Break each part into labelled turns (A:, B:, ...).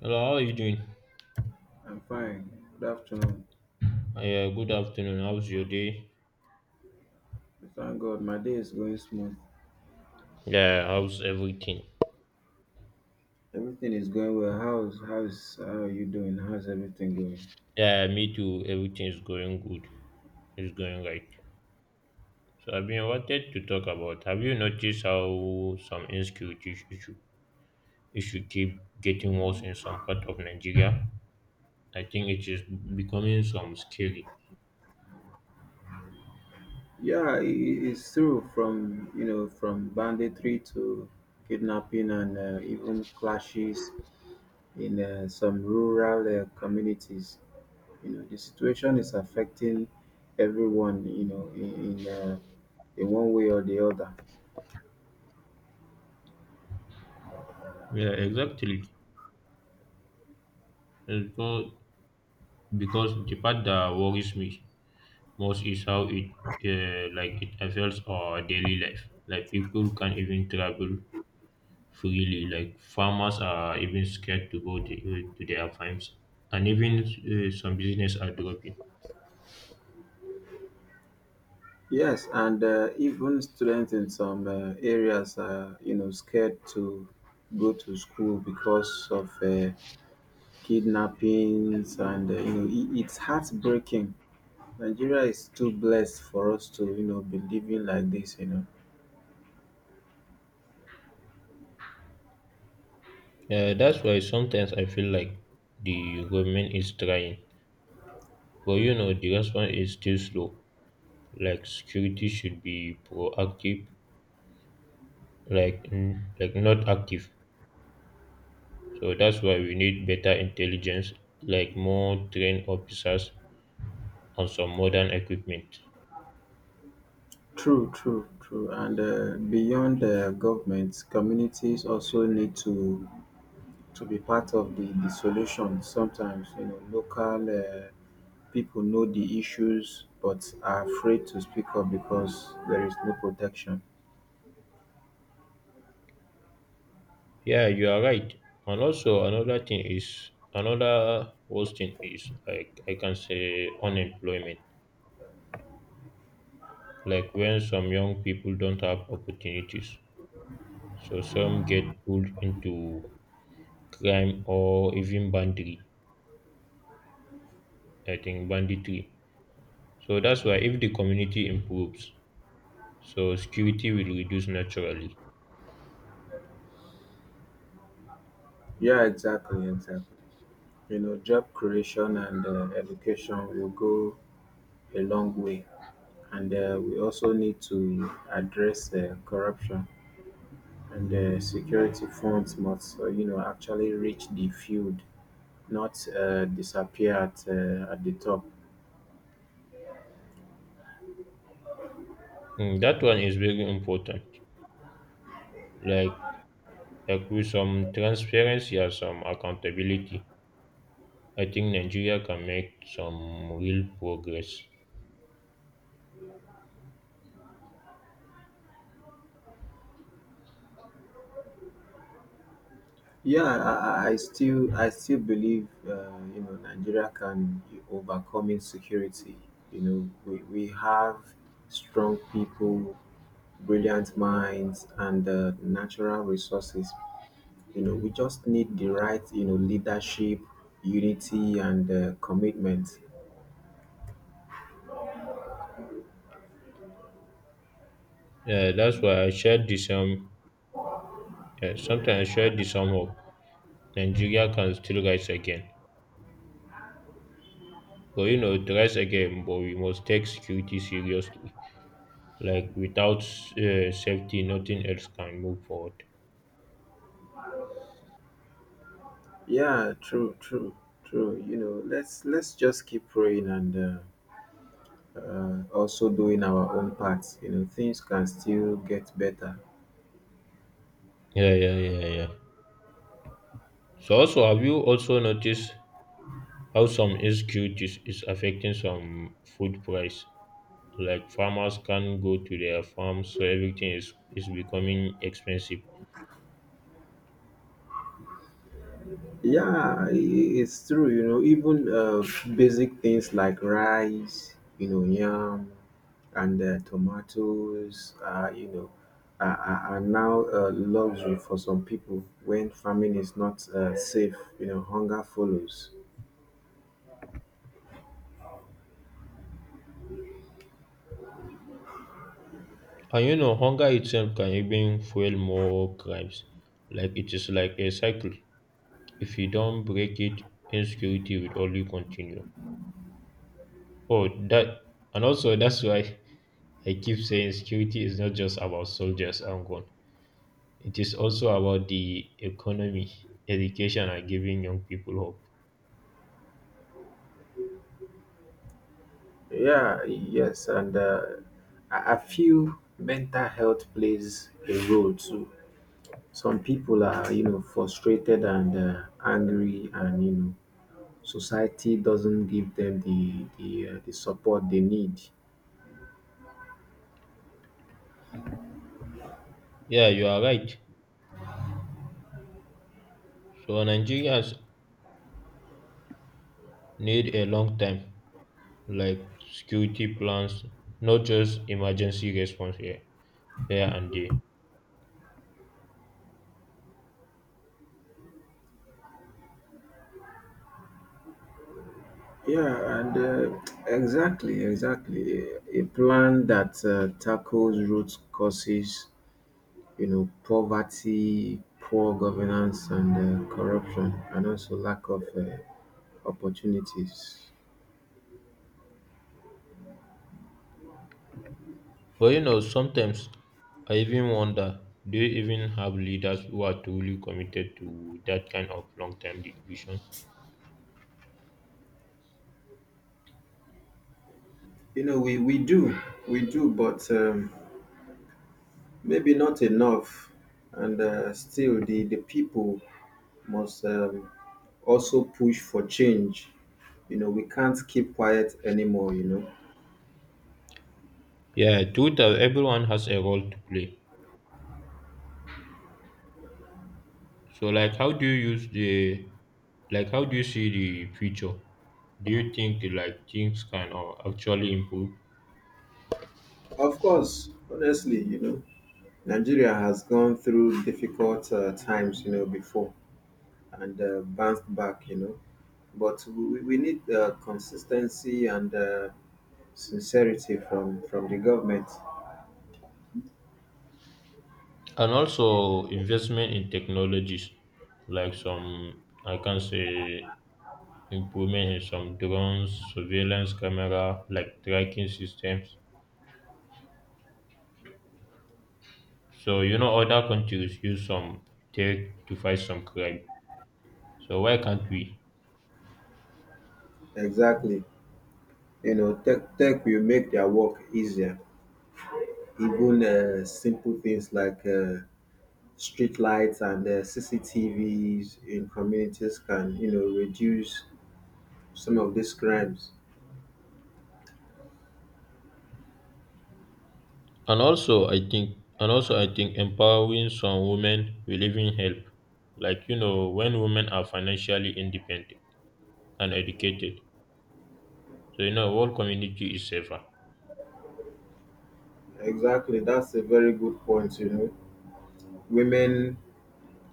A: Hello, how are you doing?
B: I'm fine. Good afternoon.
A: Yeah, good afternoon. How's your day?
B: Thank God, my day is going smooth.
A: Yeah, how's everything?
B: Everything is going well. How's how are you doing? How's everything going?
A: Yeah, me too. Everything is going good. It's going right. So I've been wanted to talk about. Have you noticed how some insecurity issue keep getting worse in some part of Nigeria? I think it is becoming some scary.
B: Yeah, it's true. From from banditry to kidnapping and even clashes in some rural communities. You know, the situation is affecting everyone. You know, in one way or the other.
A: Yeah, exactly. And because the part that worries me most is how it affects our daily life. Like people can't even travel freely. Like farmers are even scared to go to their farms, and even some business are dropping.
B: Yes, and even students in some areas are, you know, scared to go to school because of kidnappings, and you know, I it's heartbreaking. Nigeria is too blessed for us to, you know, be living like this. You know,
A: Yeah, that's why sometimes I feel like the government is trying, but you know the response is still slow. Like security should be proactive, like not active. So that's why we need better intelligence, like more trained officers and some modern equipment.
B: true, true, true. And beyond governments, communities also need to be part of the solution. Sometimes, you know, local. People know the issues but are afraid to speak up because there is no protection.
A: Yeah, you are right. And also another thing is another worst thing is like I can say unemployment. Like when some young people don't have opportunities. So some get pulled into crime or even banditry. I think banditry. So that's why if the community improves, so security will reduce naturally.
B: Yeah, exactly, exactly. You know, job creation and education will go a long way. And we also need to address corruption and security funds must, you know, actually reach the field, not disappear at the top.
A: Mm, that one is very important. Like like with some transparency and some accountability I think Nigeria can make some real progress.
B: Yeah, I still believe you know Nigeria can overcome insecurity. You know, we have strong people, brilliant minds, and natural resources. You know, we just need the right you know leadership, unity, and commitment.
A: Yeah, that's why I shared the same. Yeah, sometimes I shared the same hope. Nigeria can still rise again. But you know, to rise again, but we must take security seriously. Like without safety, nothing else can move forward.
B: Yeah, true, true, true. You know, let's just keep praying and also doing our own parts. You know, things can still get better.
A: Yeah, yeah, yeah, yeah. So also, have you also noticed how some insecurities is affecting some food price? Like farmers can't go to their farms, so everything is becoming expensive.
B: Yeah, it's true. You know, even basic things like rice, you know, yam, and tomatoes, you know, are now luxury for some people when farming is not safe. You know, hunger follows.
A: And you know, hunger itself can even fuel more crimes. Like it is like a cycle. If you don't break it, insecurity will only continue. Oh, that and also that's why I keep saying security is not just about soldiers and gun. It is also about the economy, education, and giving young people hope.
B: Yeah, yes, and I feel mental health plays a role too. Some people are, you know, frustrated and angry, and you know society doesn't give them the support they need.
A: Yeah, you are right. So Nigerians need a long time, like security plans, not just emergency response here and there.
B: Yeah, and exactly, exactly. A plan that tackles root causes, you know, poverty, poor governance, and corruption, and also lack of opportunities.
A: But you know, sometimes I even wonder, do you even have leaders who are truly committed to that kind of long-term vision?
B: You know, we do, but maybe not enough. And still, the people must also push for change. You know, we can't keep quiet anymore, you know.
A: Yeah, truth is everyone has a role to play. So like how do you see the future? Do you think like things can actually improve?
B: Of course, honestly, you know, Nigeria has gone through difficult times, you know, before and bounced back, you know. But we need consistency and sincerity from the government.
A: And also investment in technologies like some I can say improvement in some drones, surveillance camera, like tracking systems. So you know other countries use some tech to fight some crime. So why can't we?
B: Exactly. You know, tech will make their work easier. Even simple things like street lights and CCTVs in communities can, you know, reduce some of these crimes.
A: And also I think empowering some women will even help. Like you know, when women are financially independent and educated, so you know whole community is safer.
B: Exactly, that's a very good point. You know, women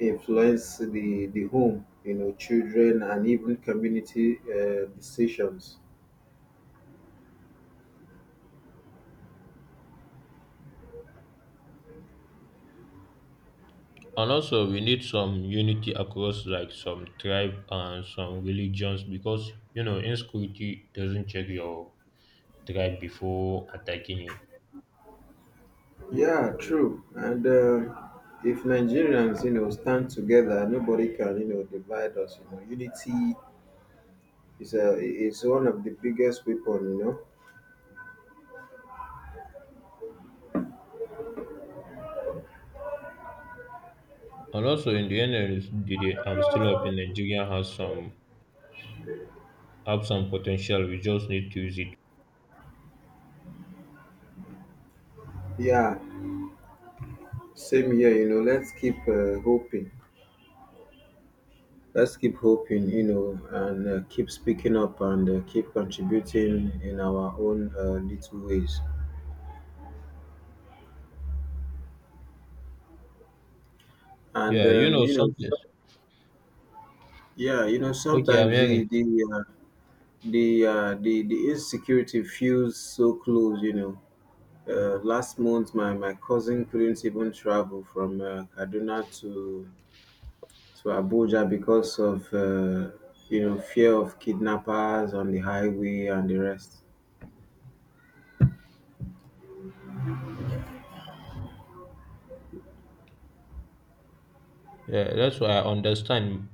B: influence the home, you know, children and even community decisions.
A: And also we need some unity across like some tribe and some religions because you know insecurity doesn't check your tribe before attacking you.
B: Yeah, true. And if Nigerians, you know, stand together, nobody can, you know, divide us. You know, unity is a is one of the biggest weapon. You know.
A: And also in the end of the day, I'm still hoping Nigeria has some potential. We just need to use it.
B: Yeah, Same here, you know, let's keep hoping. Let's keep hoping, you know, and keep speaking up and keep contributing in our own little ways. And
A: Yeah, you know
B: you know,
A: something.
B: yeah, you know,
A: Okay, I'm
B: sometimes
A: hearing.
B: uh, the insecurity feels so close. You know, last month my cousin couldn't even travel from Kaduna to Abuja because of you know fear of kidnappers on the highway and the rest.
A: Yeah, that's why I understand.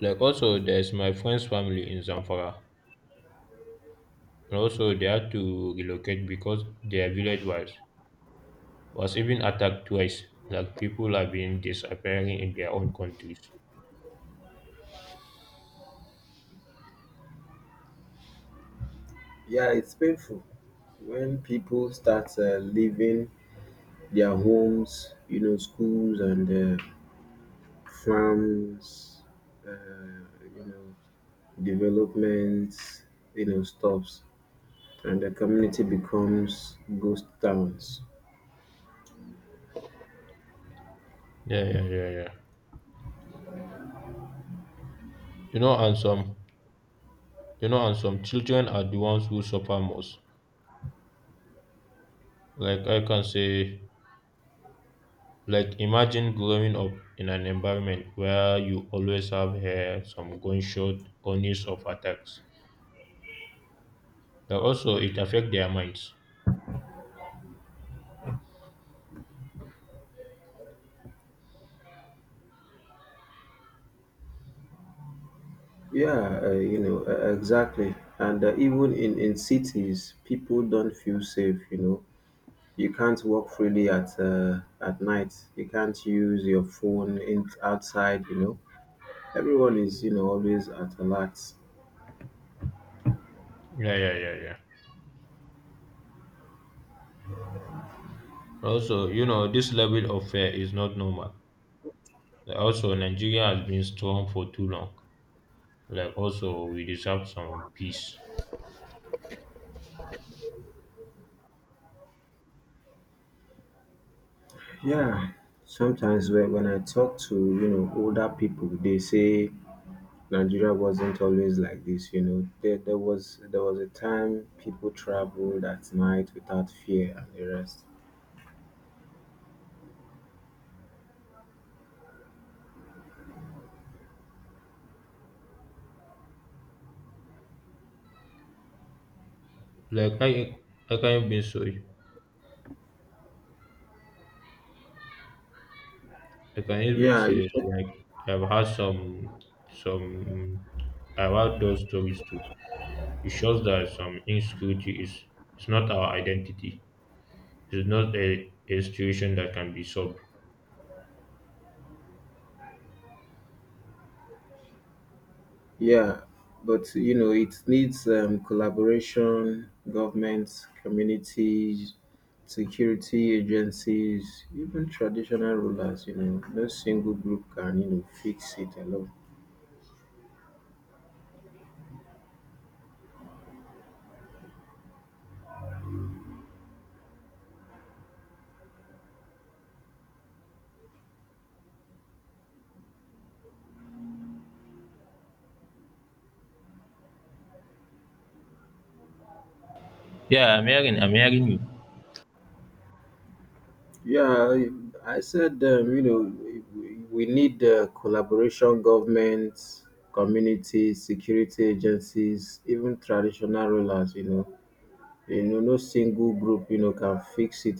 A: Like also there's my friend's family in Zamfara. And also they had to relocate because their village was even attacked twice. Like people have been disappearing in their own countries.
B: Yeah, it's painful when people start leaving their homes, you know, schools and farms, uh, you know, developments, you know, stops, and the community becomes ghost towns.
A: Yeah, yeah, yeah, yeah. You know, and some you know, and some children are the ones who suffer most. Like I can say Like imagine growing up in an environment where you always have hear some gunshot or news of attacks. But also it affect their minds.
B: Yeah, exactly. And even in cities, people don't feel safe, you know. You can't walk freely at night. You can't use your phone in, outside, you know Everyone is, you know, always at alert.
A: Yeah, yeah, yeah, yeah. Also, you know, this level of fear is not normal. Like, also, Nigeria has been strong for too long. Like also, we deserve some peace.
B: Yeah, sometimes when I talk to, you know, older people, they say Nigeria wasn't always like this, you know. There was a time people traveled at night without fear and the rest.
A: Like I can even say, I can even
B: Yeah, you
A: say,
B: said,
A: like I've had some, some, I've had those stories too. It shows that some insecurity is not our identity. It's not a situation that can be solved.
B: yeah, but you know, it needs collaboration, governments, communities, security agencies, even traditional rulers, you know, no single group can, you know, fix it alone.
A: Yeah, I'm hearing. I'm hearing you.
B: Yeah, I said, you know, we need collaboration, governments, communities, security agencies, even traditional rulers, you know. You know, no single group, you know, can fix it